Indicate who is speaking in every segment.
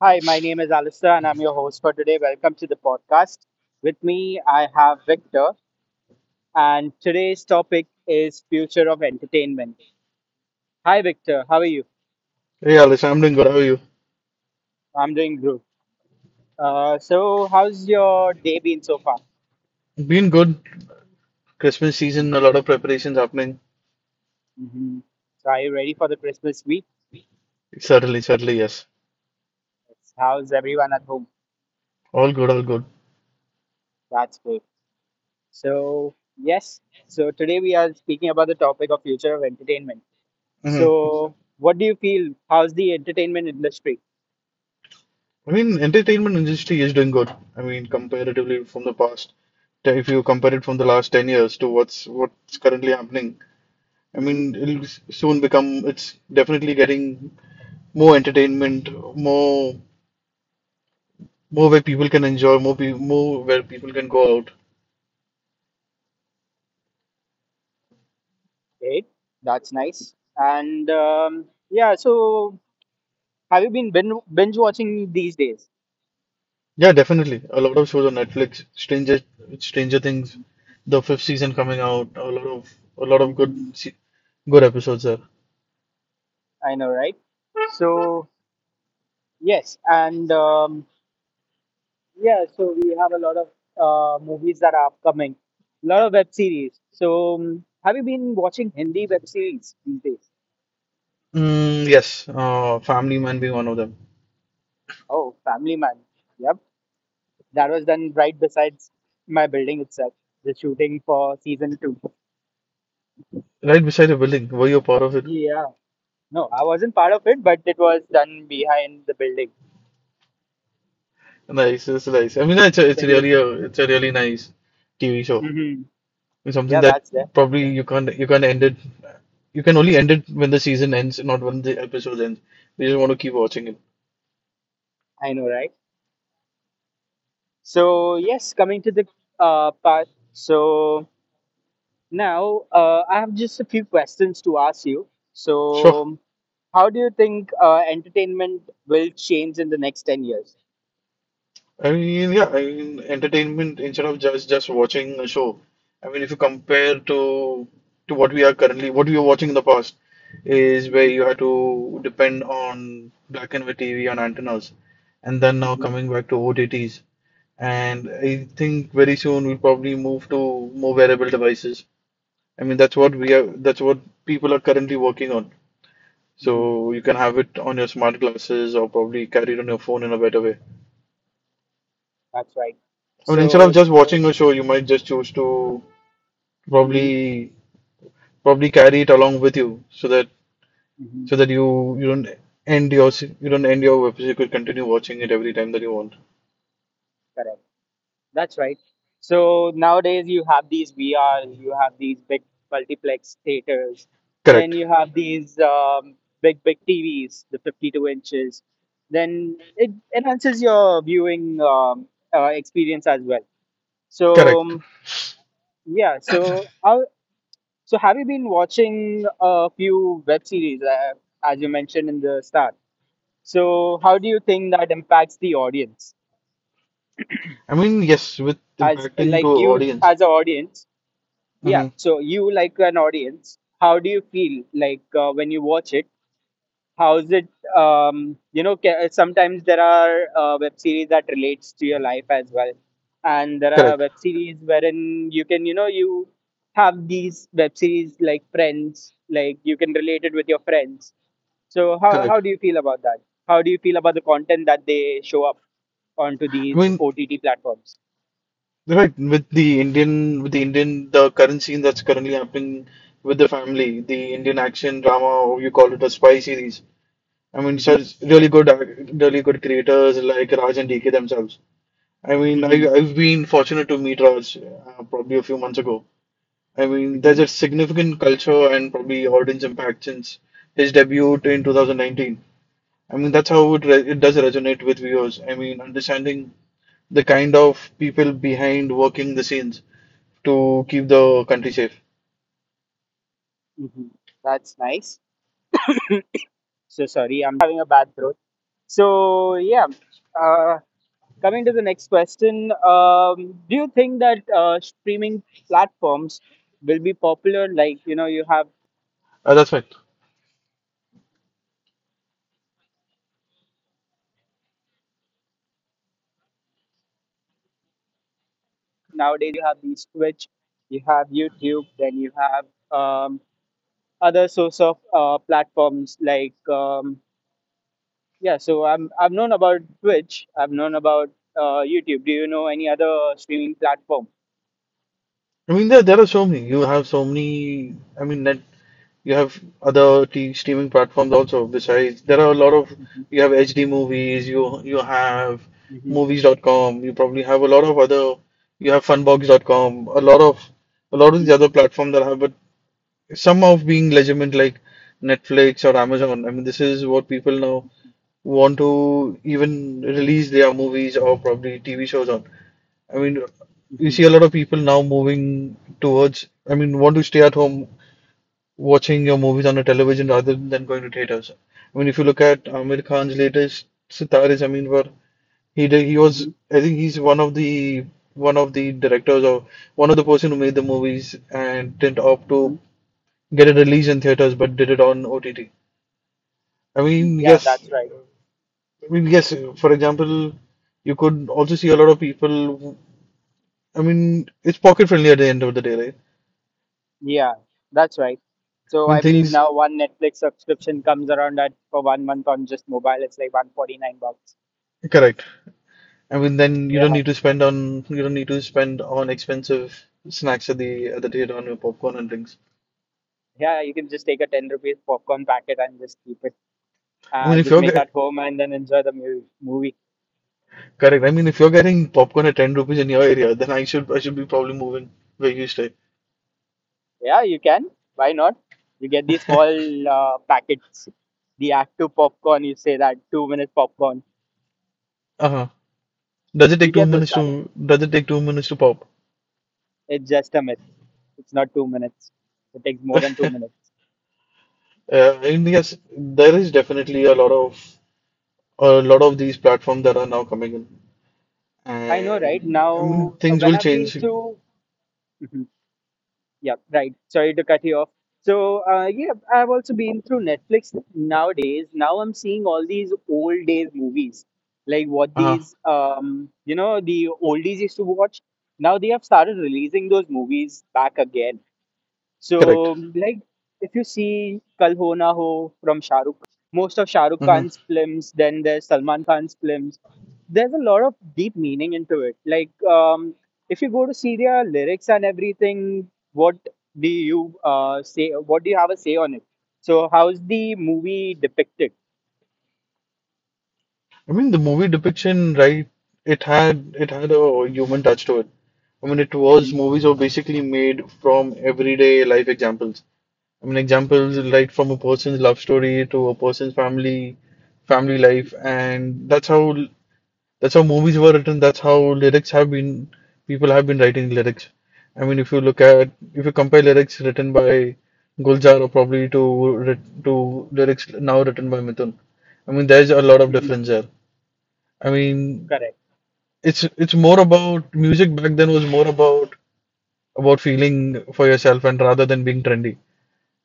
Speaker 1: Hi, my name is Alistair and I'm your host for today. Welcome to the podcast. With me, I have Victor, and today's topic is future of entertainment. Hi, Victor. How are you?
Speaker 2: Hey Alice, I'm doing good. How are you?
Speaker 1: I'm doing good. So, how's your day been so far?
Speaker 2: Been good. Christmas season, a
Speaker 1: Hmm.
Speaker 2: lot of preparations happening.
Speaker 1: Hmm. So, are you ready for the Christmas week?
Speaker 2: Certainly, yes.
Speaker 1: Yes. How's everyone at home?
Speaker 2: All good, all good.
Speaker 1: That's good. So, yes. So, today we are speaking about the topic of future of entertainment.
Speaker 2: hmm
Speaker 1: So, what do you feel? How's the entertainment industry?
Speaker 2: I mean, entertainment industry is doing good. I mean, comparatively from the past, if you compare it from the last 10 years to what's currently happening, I
Speaker 1: Mhm.
Speaker 2: mean, it'll soon become, it's definitely getting more entertainment, more more where people can enjoy, more where people can go out.
Speaker 1: Great, that's nice. And yeah, so have you been binge watching these days?
Speaker 2: Yeah, definitely. A lot of shows on Netflix, Stranger Things, the fifth season coming out, a lot of
Speaker 1: Hmm.
Speaker 2: good episodes there.
Speaker 1: I know, right? So yes, and yeah, so we have a lot of movies that are upcoming, a lot of web series. So have you been watching Hindi web series these days?
Speaker 2: Mm, yes, Family Man being one of them.
Speaker 1: Oh, Family Man. Yep, that was done right besides my building itself. The shooting for season two.
Speaker 2: Right beside the building, were you a part of it?
Speaker 1: Yeah. No, I wasn't part of it, but it was done behind the building.
Speaker 2: Nice, it's nice. I mean,
Speaker 1: Yes.
Speaker 2: it's a really nice TV show.
Speaker 1: Mm-hmm.
Speaker 2: It's something
Speaker 1: Yeah,
Speaker 2: that
Speaker 1: that's there.
Speaker 2: probably you can't end it. You can only end it when the season ends, not when the episode ends. You just want to keep watching it.
Speaker 1: I know, right? So, yes, coming to the part. So, now I have just a few questions to ask you.
Speaker 2: Sure.
Speaker 1: So, how do you think entertainment will change in the next 10 years?
Speaker 2: I mean, yeah, I mean, entertainment instead of just watching a show. I mean, if you compare to what we are currently. What we were watching in the past, is where
Speaker 1: Mm-hmm.
Speaker 2: you had to depend on black and white TV on antennas, and then now
Speaker 1: Mm-hmm.
Speaker 2: coming back to OTTs, and I
Speaker 1: Mm-hmm.
Speaker 2: think very soon we'll probably move to more wearable devices. I mean, that's what people are currently working on. So
Speaker 1: Mm-hmm.
Speaker 2: you can have it on your smart glasses or probably carry it on your phone in a better way.
Speaker 1: That's right.
Speaker 2: I mean, instead of
Speaker 1: So,
Speaker 2: just watching a show, you might just choose to
Speaker 1: mm-hmm.
Speaker 2: probably probably carry it along with you so that
Speaker 1: Mm-hmm.
Speaker 2: so that you don't end you don't end your web series. You could continue watching it every time that you want.
Speaker 1: Correct. That's right. So nowadays you have these VRs, you have these big multiplex theaters, then
Speaker 2: Correct.
Speaker 1: you have these big big TVs, the 52 inches. Then it enhances your viewing experience as well. So
Speaker 2: Correct.
Speaker 1: um, yeah, so have you been watching a few web series as you mentioned in the start? So how do you think that impacts the audience
Speaker 2: I mean, yes, with
Speaker 1: as
Speaker 2: impacting to
Speaker 1: like you
Speaker 2: audience.
Speaker 1: as an audience? Yeah.
Speaker 2: Hmm.
Speaker 1: So you, like an audience, how do you feel like when you watch it? How is it? Sometimes there are web series that relates to your life as well, and there are
Speaker 2: Correct.
Speaker 1: web series wherein you can, you know, you have these web series like Friends, like you can relate it with your friends. So how
Speaker 2: Correct.
Speaker 1: how do you feel about that? How do you feel about the content that they show up onto
Speaker 2: I
Speaker 1: these
Speaker 2: mean,
Speaker 1: OTT platforms?
Speaker 2: right, with the Indian the current scene that's currently happening with the family, the Indian action drama, or you call it a spy series. I mean,
Speaker 1: Mm-hmm.
Speaker 2: such really good creators like Raj and DK themselves. I mean, I,
Speaker 1: Mm-hmm.
Speaker 2: I've been fortunate to meet Raj probably a few months ago. I mean,
Speaker 1: Mm-hmm.
Speaker 2: there's a significant culture and probably audience impact since his debut in 2019. I mean, that's how it does resonate with viewers. I mean, understanding the kind of people behind working the scenes to keep the country safe.
Speaker 1: Mm-hmm. That's nice. So sorry, I'm just having a bad throat. So yeah, uh, coming to the next question, do you think that streaming platforms will be popular? Like you have
Speaker 2: That's fine.
Speaker 1: nowadays you have these Twitch, you have YouTube, then you have um, other sorts of platforms like yeah. So I've known about Twitch, I've known about YouTube. Do you know any other streaming platform?
Speaker 2: I mean, there are so many. You have so many. I mean, net. You have other t streaming platforms also. Besides, there are a lot of.
Speaker 1: Hmm.
Speaker 2: You have HD movies. You have
Speaker 1: Hmm.
Speaker 2: movies.com. You probably have a lot of other. You have funbox.com. A lot of
Speaker 1: Hmm.
Speaker 2: these other platforms that have. But some of being legitimate like Netflix or Amazon. I mean, this is what people now want to even release their movies or probably TV shows on. I mean, you
Speaker 1: Hmm.
Speaker 2: see a lot of people now moving towards, I mean, want to stay at home watching your movies on a television rather than going to theaters. I mean, if you look at Amir Khan's latest Sitar, I mean, where he did, he was,
Speaker 1: Hmm.
Speaker 2: I think he's one of the directors or one of the person who made the movies and didn't opt
Speaker 1: Hmm.
Speaker 2: to get it released in theaters but did it on OTT. I mean,
Speaker 1: Yeah,
Speaker 2: yes,
Speaker 1: that's right.
Speaker 2: I mean, yes, for example, you could also see a lot of people. I mean, it's pocket friendly at the end of the day, right?
Speaker 1: Yeah, that's right. So
Speaker 2: I mean,
Speaker 1: I believe
Speaker 2: things,
Speaker 1: now one Netflix subscription comes around at for 1 month on just mobile, it's like 149 bucks.
Speaker 2: correct. I mean, then
Speaker 1: Yeah,
Speaker 2: you don't need to spend on expensive snacks at the theater on your popcorn and drinks.
Speaker 1: yeah, you can just take a 10 rupees popcorn packet and just keep it.
Speaker 2: I mean, if
Speaker 1: Just
Speaker 2: you're
Speaker 1: make it
Speaker 2: ge-
Speaker 1: at home and then enjoy the movie.
Speaker 2: correct, I mean, if you're getting popcorn at 10 rupees in your area, then I should be probably moving where you stay.
Speaker 1: Yeah, you can. Why not? You get these small packets. The Act 2 popcorn, you say that 2-minute popcorn.
Speaker 2: Uh-huh.
Speaker 1: You get those packs.
Speaker 2: Does it take 2 minutes to pop?
Speaker 1: It's just a myth. It's not 2 minutes. It takes more than two minutes.
Speaker 2: And yes, there is definitely a lot of these platforms that are now coming in,
Speaker 1: I know, right?
Speaker 2: and I mean
Speaker 1: Now,
Speaker 2: things
Speaker 1: when
Speaker 2: will
Speaker 1: I've been
Speaker 2: change.
Speaker 1: to Yeah, right. Sorry to cut you off. So, yeah, I've also been through Netflix nowadays. Now I'm seeing all these old days movies, like what
Speaker 2: Uh,
Speaker 1: these, the oldies used to watch. Now they have started releasing those movies back again.
Speaker 2: Correct.
Speaker 1: So, like, if you see Kal Ho Na Ho from Shah Rukh Khan, most of Shah Rukh
Speaker 2: hmm
Speaker 1: Khan's films, then there's Salman Khan's films, there's a lot of deep meaning into it. Like, if you go to see their lyrics and everything, what do you say? What do you have a say on it? So, how's the movie depicted?
Speaker 2: I mean the movie depiction, right? It had a human touch to it. I mean it was
Speaker 1: Hmm.
Speaker 2: movies were basically made from everyday life examples. I mean examples like from a person's love story to a person's family life, and that's how. That's how movies were written. That's how lyrics have been. People have been writing lyrics. I mean, if you compare lyrics written by Gulzar or probably to lyrics now written by Mithun, I mean, there's a lot of
Speaker 1: Hmm.
Speaker 2: difference there. I mean,
Speaker 1: Correct,
Speaker 2: it's more about music. Back then was more about feeling for yourself and rather than being trendy.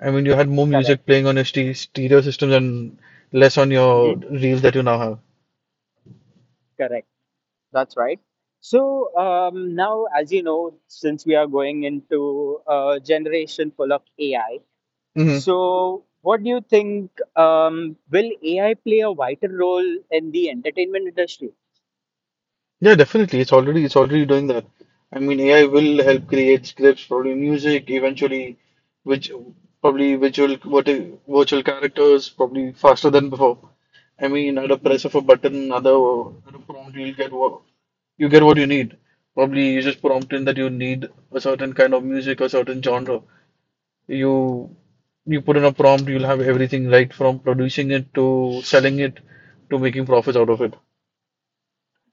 Speaker 2: I mean, you had more
Speaker 1: correct.
Speaker 2: music playing on your stereo systems and less on your
Speaker 1: Hmm.
Speaker 2: reels that you now
Speaker 1: Correct. That's right. So now, as you know, since we are going into a generation full of AI,
Speaker 2: have.
Speaker 1: so what do you think? Will AI play a vital role in the entertainment industry?
Speaker 2: Yeah, definitely. It's already doing that. I mean, AI will help create scripts, probably music, eventually, which probably virtual characters, probably faster than before. I mean, at a
Speaker 1: Mm,
Speaker 2: press of a button, other at a prompt, you'll get what you need. Probably you just prompt in that you
Speaker 1: mhm.
Speaker 2: need a certain kind of music, a certain genre. You you put in a prompt, you'll have everything right from producing it to selling it to making profits out of it.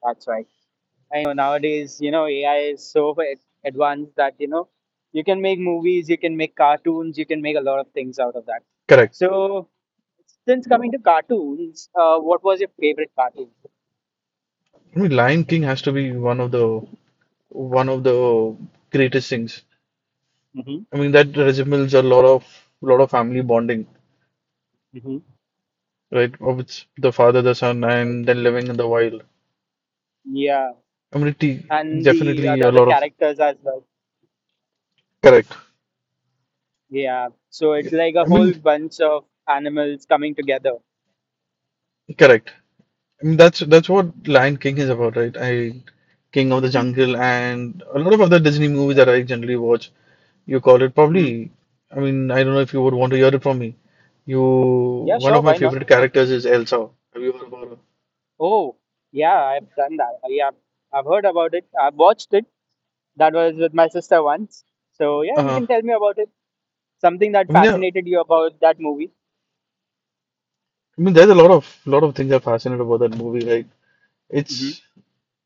Speaker 1: That's right. I know nowadays, AI is so advanced that, you can make movies, you can make cartoons, you can make a lot of things out of that.
Speaker 2: Correct.
Speaker 1: So, since coming to cartoons, what was your favorite cartoon?
Speaker 2: I mean, Lion King has to be one of the greatest things.
Speaker 1: Hmm.
Speaker 2: I mean, that resembles a lot of family bonding,
Speaker 1: Hmm.
Speaker 2: right? Of it's the father, the son,
Speaker 1: That's right.
Speaker 2: and then living in the wild.
Speaker 1: Yeah,
Speaker 2: I mean,
Speaker 1: and the
Speaker 2: definitely a
Speaker 1: other
Speaker 2: lot of
Speaker 1: characters as well.
Speaker 2: correct.
Speaker 1: Yeah, so it's like a
Speaker 2: I
Speaker 1: whole
Speaker 2: mean,
Speaker 1: bunch of animals coming together.
Speaker 2: correct. That's what Lion King is about, right? I King of the
Speaker 1: Mm-hmm.
Speaker 2: Jungle and a lot of other Disney movies that
Speaker 1: Correct.
Speaker 2: I generally watch. You call it
Speaker 1: Hmm.
Speaker 2: probably. I mean, I don't know if you would want to hear it from me.
Speaker 1: Yeah,
Speaker 2: One
Speaker 1: sure.
Speaker 2: of my
Speaker 1: Why not?
Speaker 2: favorite characters is Elsa. Have you heard about her?
Speaker 1: Oh, yeah, I've done that. Yeah, I've heard about it. I've watched it. That was with my sister once. So yeah, you
Speaker 2: Uh,
Speaker 1: can tell me about it. Something that
Speaker 2: I mean, yeah, I
Speaker 1: fascinated you about that movie.
Speaker 2: mean, there's a lot of things I'm fascinated about that movie, right?
Speaker 1: Mm-hmm.
Speaker 2: It's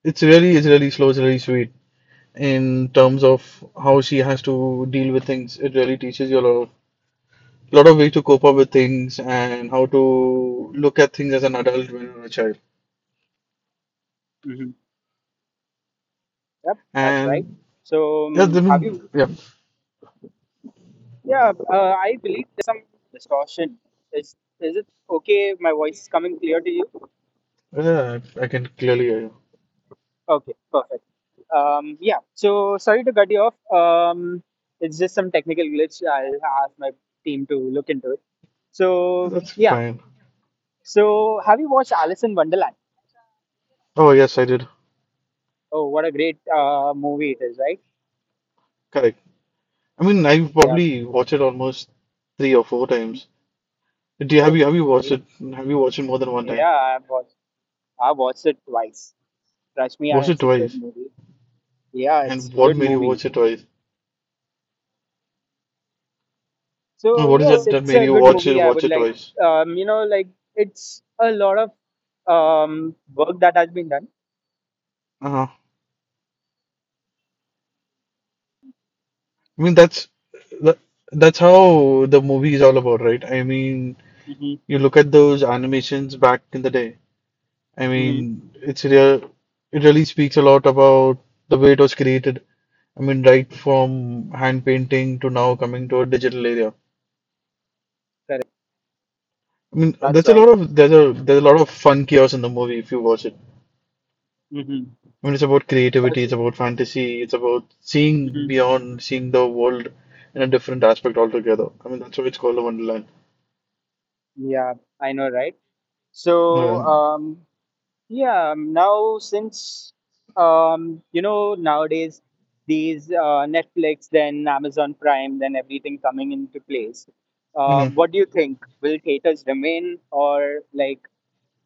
Speaker 2: it's really slow, it's really sweet in
Speaker 1: Mm-hmm.
Speaker 2: terms of how she has to deal with things. It really teaches you a lot of way to cope up with things and how to
Speaker 1: Mm-hmm.
Speaker 2: look at things as an adult when you're a child.
Speaker 1: Mm-hmm. Yep, that's right.
Speaker 2: And
Speaker 1: So
Speaker 2: yeah, I
Speaker 1: um, have
Speaker 2: mean,
Speaker 1: you?
Speaker 2: yeah,
Speaker 1: Yeah, I believe there's some distortion. Is it okay if my voice is coming clear to you?
Speaker 2: yeah, I can clearly hear you.
Speaker 1: Okay, perfect. Yeah. So sorry to cut you off. It's just some technical glitch. I'll ask my team to look into it. So
Speaker 2: That's
Speaker 1: yeah.
Speaker 2: fine.
Speaker 1: So have you watched Alice in Wonderland?
Speaker 2: Oh, yes, I did.
Speaker 1: Oh, what a great movie it is, right?
Speaker 2: Correct. I mean, I've
Speaker 1: Yeah.
Speaker 2: probably watched it almost three or four times. Do you, have
Speaker 1: Oh,
Speaker 2: you have you watched
Speaker 1: ye-
Speaker 2: it? Have you watched it more than one time?
Speaker 1: yeah. I've watched. I watched it twice. Trust me, and
Speaker 2: Watched it
Speaker 1: it's a good
Speaker 2: twice.
Speaker 1: movie. Yeah, it's
Speaker 2: And
Speaker 1: a
Speaker 2: what
Speaker 1: good
Speaker 2: made you
Speaker 1: movie.
Speaker 2: watch it twice?
Speaker 1: So
Speaker 2: What is it Oh,
Speaker 1: yes,
Speaker 2: that
Speaker 1: it's
Speaker 2: made
Speaker 1: a
Speaker 2: you
Speaker 1: good
Speaker 2: watch it
Speaker 1: movie. I
Speaker 2: watch
Speaker 1: would
Speaker 2: it
Speaker 1: like,
Speaker 2: twice?
Speaker 1: like it's a lot of work that has been done.
Speaker 2: Uh-huh. I mean, that, that's how the movie is all about, right? I mean.
Speaker 1: Hmm.
Speaker 2: You look at those animations back in the day. I
Speaker 1: Hmm.
Speaker 2: mean, it really speaks a lot about the way it was created. I mean, right from hand painting to now coming to a digital area.
Speaker 1: Correct.
Speaker 2: I mean,
Speaker 1: That's
Speaker 2: that's a
Speaker 1: right.
Speaker 2: lot of there's a lot of fun chaos in the movie if you watch it. I
Speaker 1: Hmm.
Speaker 2: mean, it's about creativity,
Speaker 1: That's
Speaker 2: it's
Speaker 1: right.
Speaker 2: about fantasy, it's about seeing
Speaker 1: Hmm.
Speaker 2: beyond, seeing the world in a different aspect altogether. I mean, that's why it's called a Wonderland.
Speaker 1: Yeah, I know, right? So
Speaker 2: And,
Speaker 1: um, yeah, now since nowadays these Netflix, then Amazon Prime, then everything coming into place.
Speaker 2: mhm.
Speaker 1: What do you think? Will theaters remain, or like,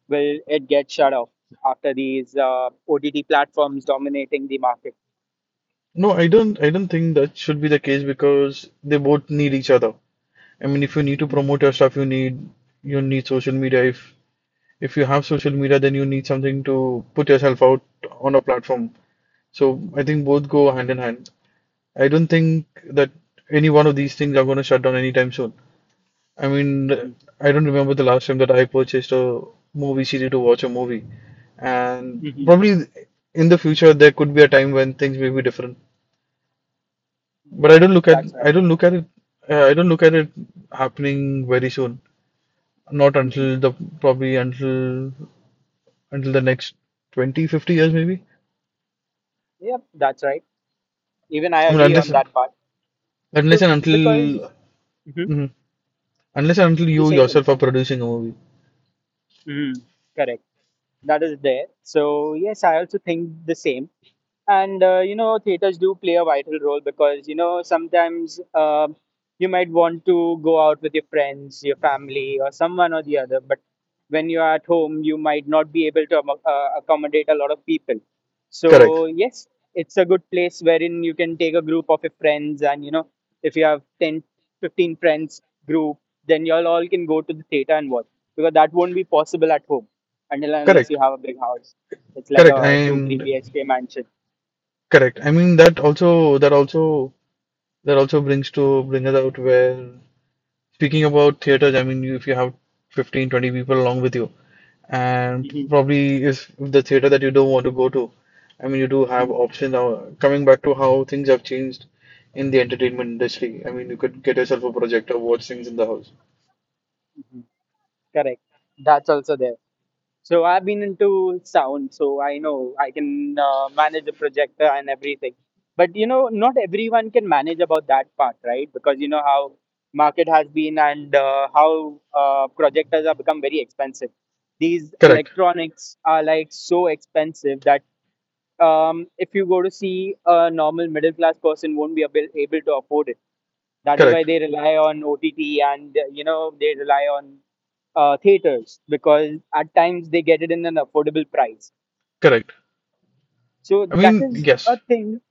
Speaker 1: will it get shut off after these OTT platforms dominating the market?
Speaker 2: No, I don't think that should be the case because they both need each other. I mean, if you need to
Speaker 1: Mm-hmm.
Speaker 2: promote your stuff, you need social media. If you have social media, then you need something to put yourself out on a platform. So I think both go hand in hand. I don't think that any one of these things are going to shut down anytime soon. I mean,
Speaker 1: Mm-hmm.
Speaker 2: I don't remember the last time that I purchased a movie CD to watch a movie, and
Speaker 1: Mm-hmm.
Speaker 2: probably in the future there could be a time when things may be different. But
Speaker 1: Yep, that's right.
Speaker 2: I don't look at it happening very soon. Not
Speaker 1: Mm-hmm.
Speaker 2: until the probably until until the next 20-50 years maybe.
Speaker 1: Yep, that's right. Even I
Speaker 2: I mean,
Speaker 1: agree
Speaker 2: unless
Speaker 1: on that part.
Speaker 2: unless
Speaker 1: So
Speaker 2: and until
Speaker 1: because, mhm,
Speaker 2: mhm. unless and until
Speaker 1: you're
Speaker 2: you
Speaker 1: saying something.
Speaker 2: yourself are producing a movie.
Speaker 1: Mhm. Correct. That is there. So yes, I also think the same. And theaters do play a vital role because sometimes you might want to go out with your friends, your family, or someone or the other. But when you are at home, you might not be able to accommodate a lot of people.
Speaker 2: Correct.
Speaker 1: So yes, it's a good place wherein you can take a group of your friends, and if you have 10, 15 friends group, then you all can go to the theater and watch because that won't be possible at home until and unless
Speaker 2: Correct.
Speaker 1: you have a big house. It's like
Speaker 2: Correct.
Speaker 1: a two, three
Speaker 2: And
Speaker 1: BHK mansion.
Speaker 2: correct. I mean that also bring us out where. Speaking about theaters, I mean, if you have 15, 20 people along with you, and
Speaker 1: Mhm,
Speaker 2: probably is the theater that you don't want to go to, I mean, you do have
Speaker 1: mhm,
Speaker 2: options now. Coming back to how things have changed in the entertainment industry, I mean, you could get yourself a projector, watch things in the house.
Speaker 1: mhm. Correct. That's also there. So I've been into sound, so I know I can manage a projector and everything. But not everyone can manage about that part, right? Because you know how market has been and how projectors have become very expensive. These
Speaker 2: Correct,
Speaker 1: electronics are like so expensive that if you go to see a normal middle class person won't be able to afford it. That is why
Speaker 2: correct,
Speaker 1: they rely on OTT and they rely on theaters because at times they get it in an affordable price.
Speaker 2: correct.
Speaker 1: So
Speaker 2: I
Speaker 1: that
Speaker 2: mean,
Speaker 1: is a
Speaker 2: yes,
Speaker 1: thing.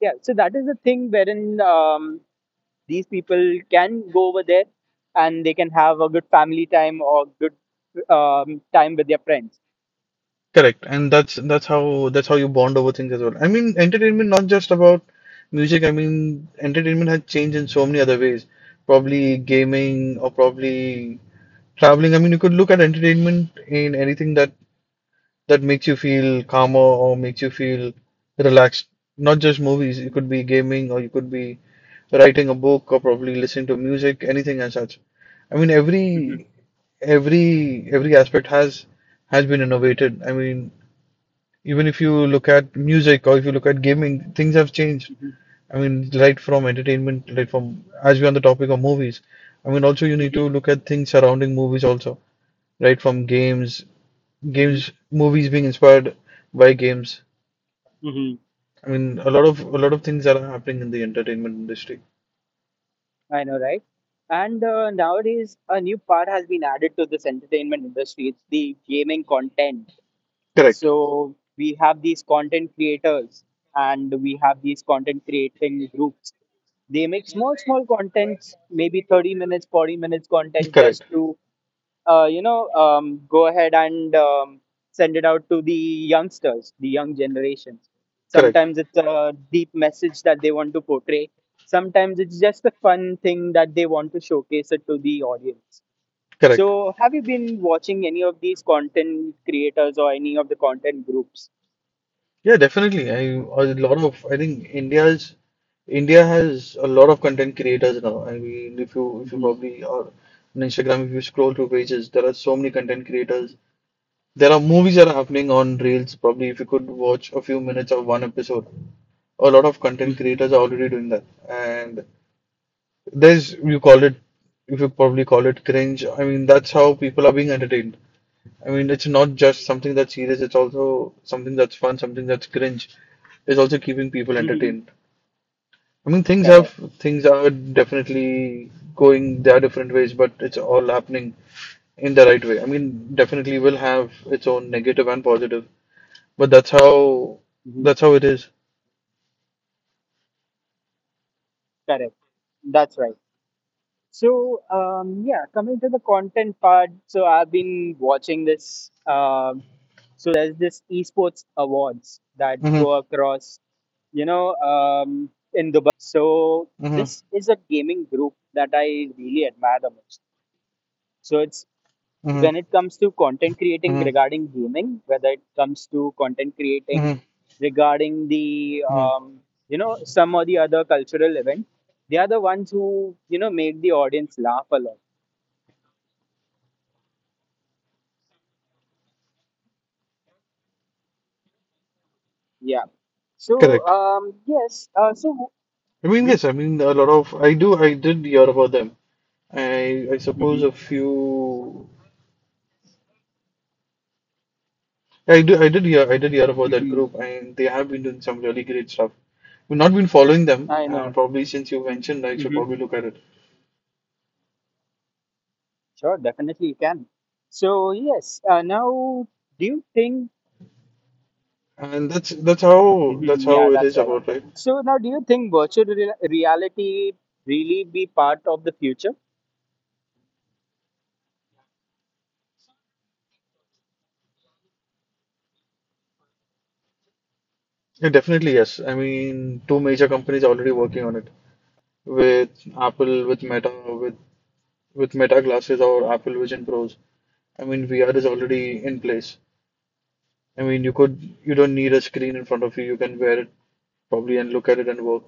Speaker 1: Yeah. So that is a thing wherein these people can go over there and they can have a good family time or good time with their friends.
Speaker 2: correct, and that's how you bond over things as well. I mean, entertainment not just about music. I mean, entertainment has changed in so many other ways. Probably
Speaker 1: Mhm,
Speaker 2: gaming or
Speaker 1: mhm,
Speaker 2: probably traveling. I mean, you could look at entertainment in anything that makes you feel calmer or makes you feel relaxed. Not just movies. It
Speaker 1: mhm,
Speaker 2: could be gaming or you could be writing a book or probably listening to music, anything as such. I mean,
Speaker 1: mhm,
Speaker 2: every aspect has been innovated. I mean, even if you look at music or if you look at gaming, things have changed.
Speaker 1: mhm,
Speaker 2: I mean, right from entertainment, right from as we're on the topic of movies. I mean, also you need
Speaker 1: mhm,
Speaker 2: to look at things surrounding movies also, right from games,
Speaker 1: mhm,
Speaker 2: movies being inspired by games.
Speaker 1: mhm.
Speaker 2: I mean, a lot of things that are happening in the entertainment industry.
Speaker 1: I know, right? And nowadays, a new part has been added to this entertainment industry, it's the gaming content.
Speaker 2: Correct.
Speaker 1: So we have these content creators and we have these content creating groups. They make small, small contents, maybe 30 minutes, 40 minutes content
Speaker 2: Correct.
Speaker 1: just to go ahead and send it out to the youngsters, the young generations.
Speaker 2: Correct.
Speaker 1: Sometimes it's a deep message that they want to portray. Sometimes it's just a fun thing that they want to showcase it to the audience.
Speaker 2: Correct.
Speaker 1: So, have you been watching any of these content creators or any of the content groups?
Speaker 2: Yeah, definitely. I think India has a lot of content creators now. I mean, if you
Speaker 1: Mm-hmm.
Speaker 2: probably are on Instagram, if you scroll through pages, there are so many content creators. There are movies that are happening on Reels. Probably if you could watch a few minutes of one episode, a lot of content
Speaker 1: Mm-hmm.
Speaker 2: creators are already doing that. And there's you could probably call it cringe. I mean, that's how people are being entertained. I mean, it's not just something that's serious, it's also something that's fun, something that's cringe. It's also keeping people
Speaker 1: Mm-hmm.
Speaker 2: entertained. I mean,
Speaker 1: Correct.
Speaker 2: things are definitely going their different ways, but it's all happening in the right way. I mean, definitely will have its own negative and positive, but that's how
Speaker 1: Mm-hmm.
Speaker 2: that's how it is.
Speaker 1: Correct. That's right. So, yeah, coming to the content part. So, I've been watching this. So, there's this esports awards that
Speaker 2: Mm-hmm.
Speaker 1: go across, in Dubai. So, it's among the whole world. So, these there was this content creating group that I follow, the SA12. So,
Speaker 2: Mm-hmm.
Speaker 1: this is a gaming group that I really admire the most. So, it's
Speaker 2: Mm-hmm.
Speaker 1: when it comes to content creating
Speaker 2: Mm-hmm.
Speaker 1: regarding gaming, whether it comes to content creating
Speaker 2: Mm-hmm.
Speaker 1: regarding the some or the other cultural event, they are the ones who make the audience laugh a lot. Yeah. So
Speaker 2: Correct.
Speaker 1: yes. So.
Speaker 2: I mean,
Speaker 1: Hmm.
Speaker 2: yes, I mean, a lot of, I did hear about them. I suppose
Speaker 1: Hmm.
Speaker 2: a few, I did hear about that group,
Speaker 1: Hmm.
Speaker 2: and they have been doing some really great stuff. We've not been following them,
Speaker 1: I
Speaker 2: and
Speaker 1: know.
Speaker 2: probably since you mentioned, I should
Speaker 1: Hmm.
Speaker 2: probably look at it.
Speaker 1: Sure, definitely you can. So yes. Now, do you think?
Speaker 2: And that's that's how that's
Speaker 1: Hmm. Yeah,
Speaker 2: how it
Speaker 1: that's
Speaker 2: is
Speaker 1: right.
Speaker 2: about, right?
Speaker 1: So now, do you think virtual reality really be part of the future?
Speaker 2: Yeah, definitely yes. I mean, two major companies are already working on it with Apple, with Meta, with Meta glasses or Apple Vision Pros. I mean, VR is already in place. I mean, you don't need a screen in front of you. You can wear it probably and look at it and work.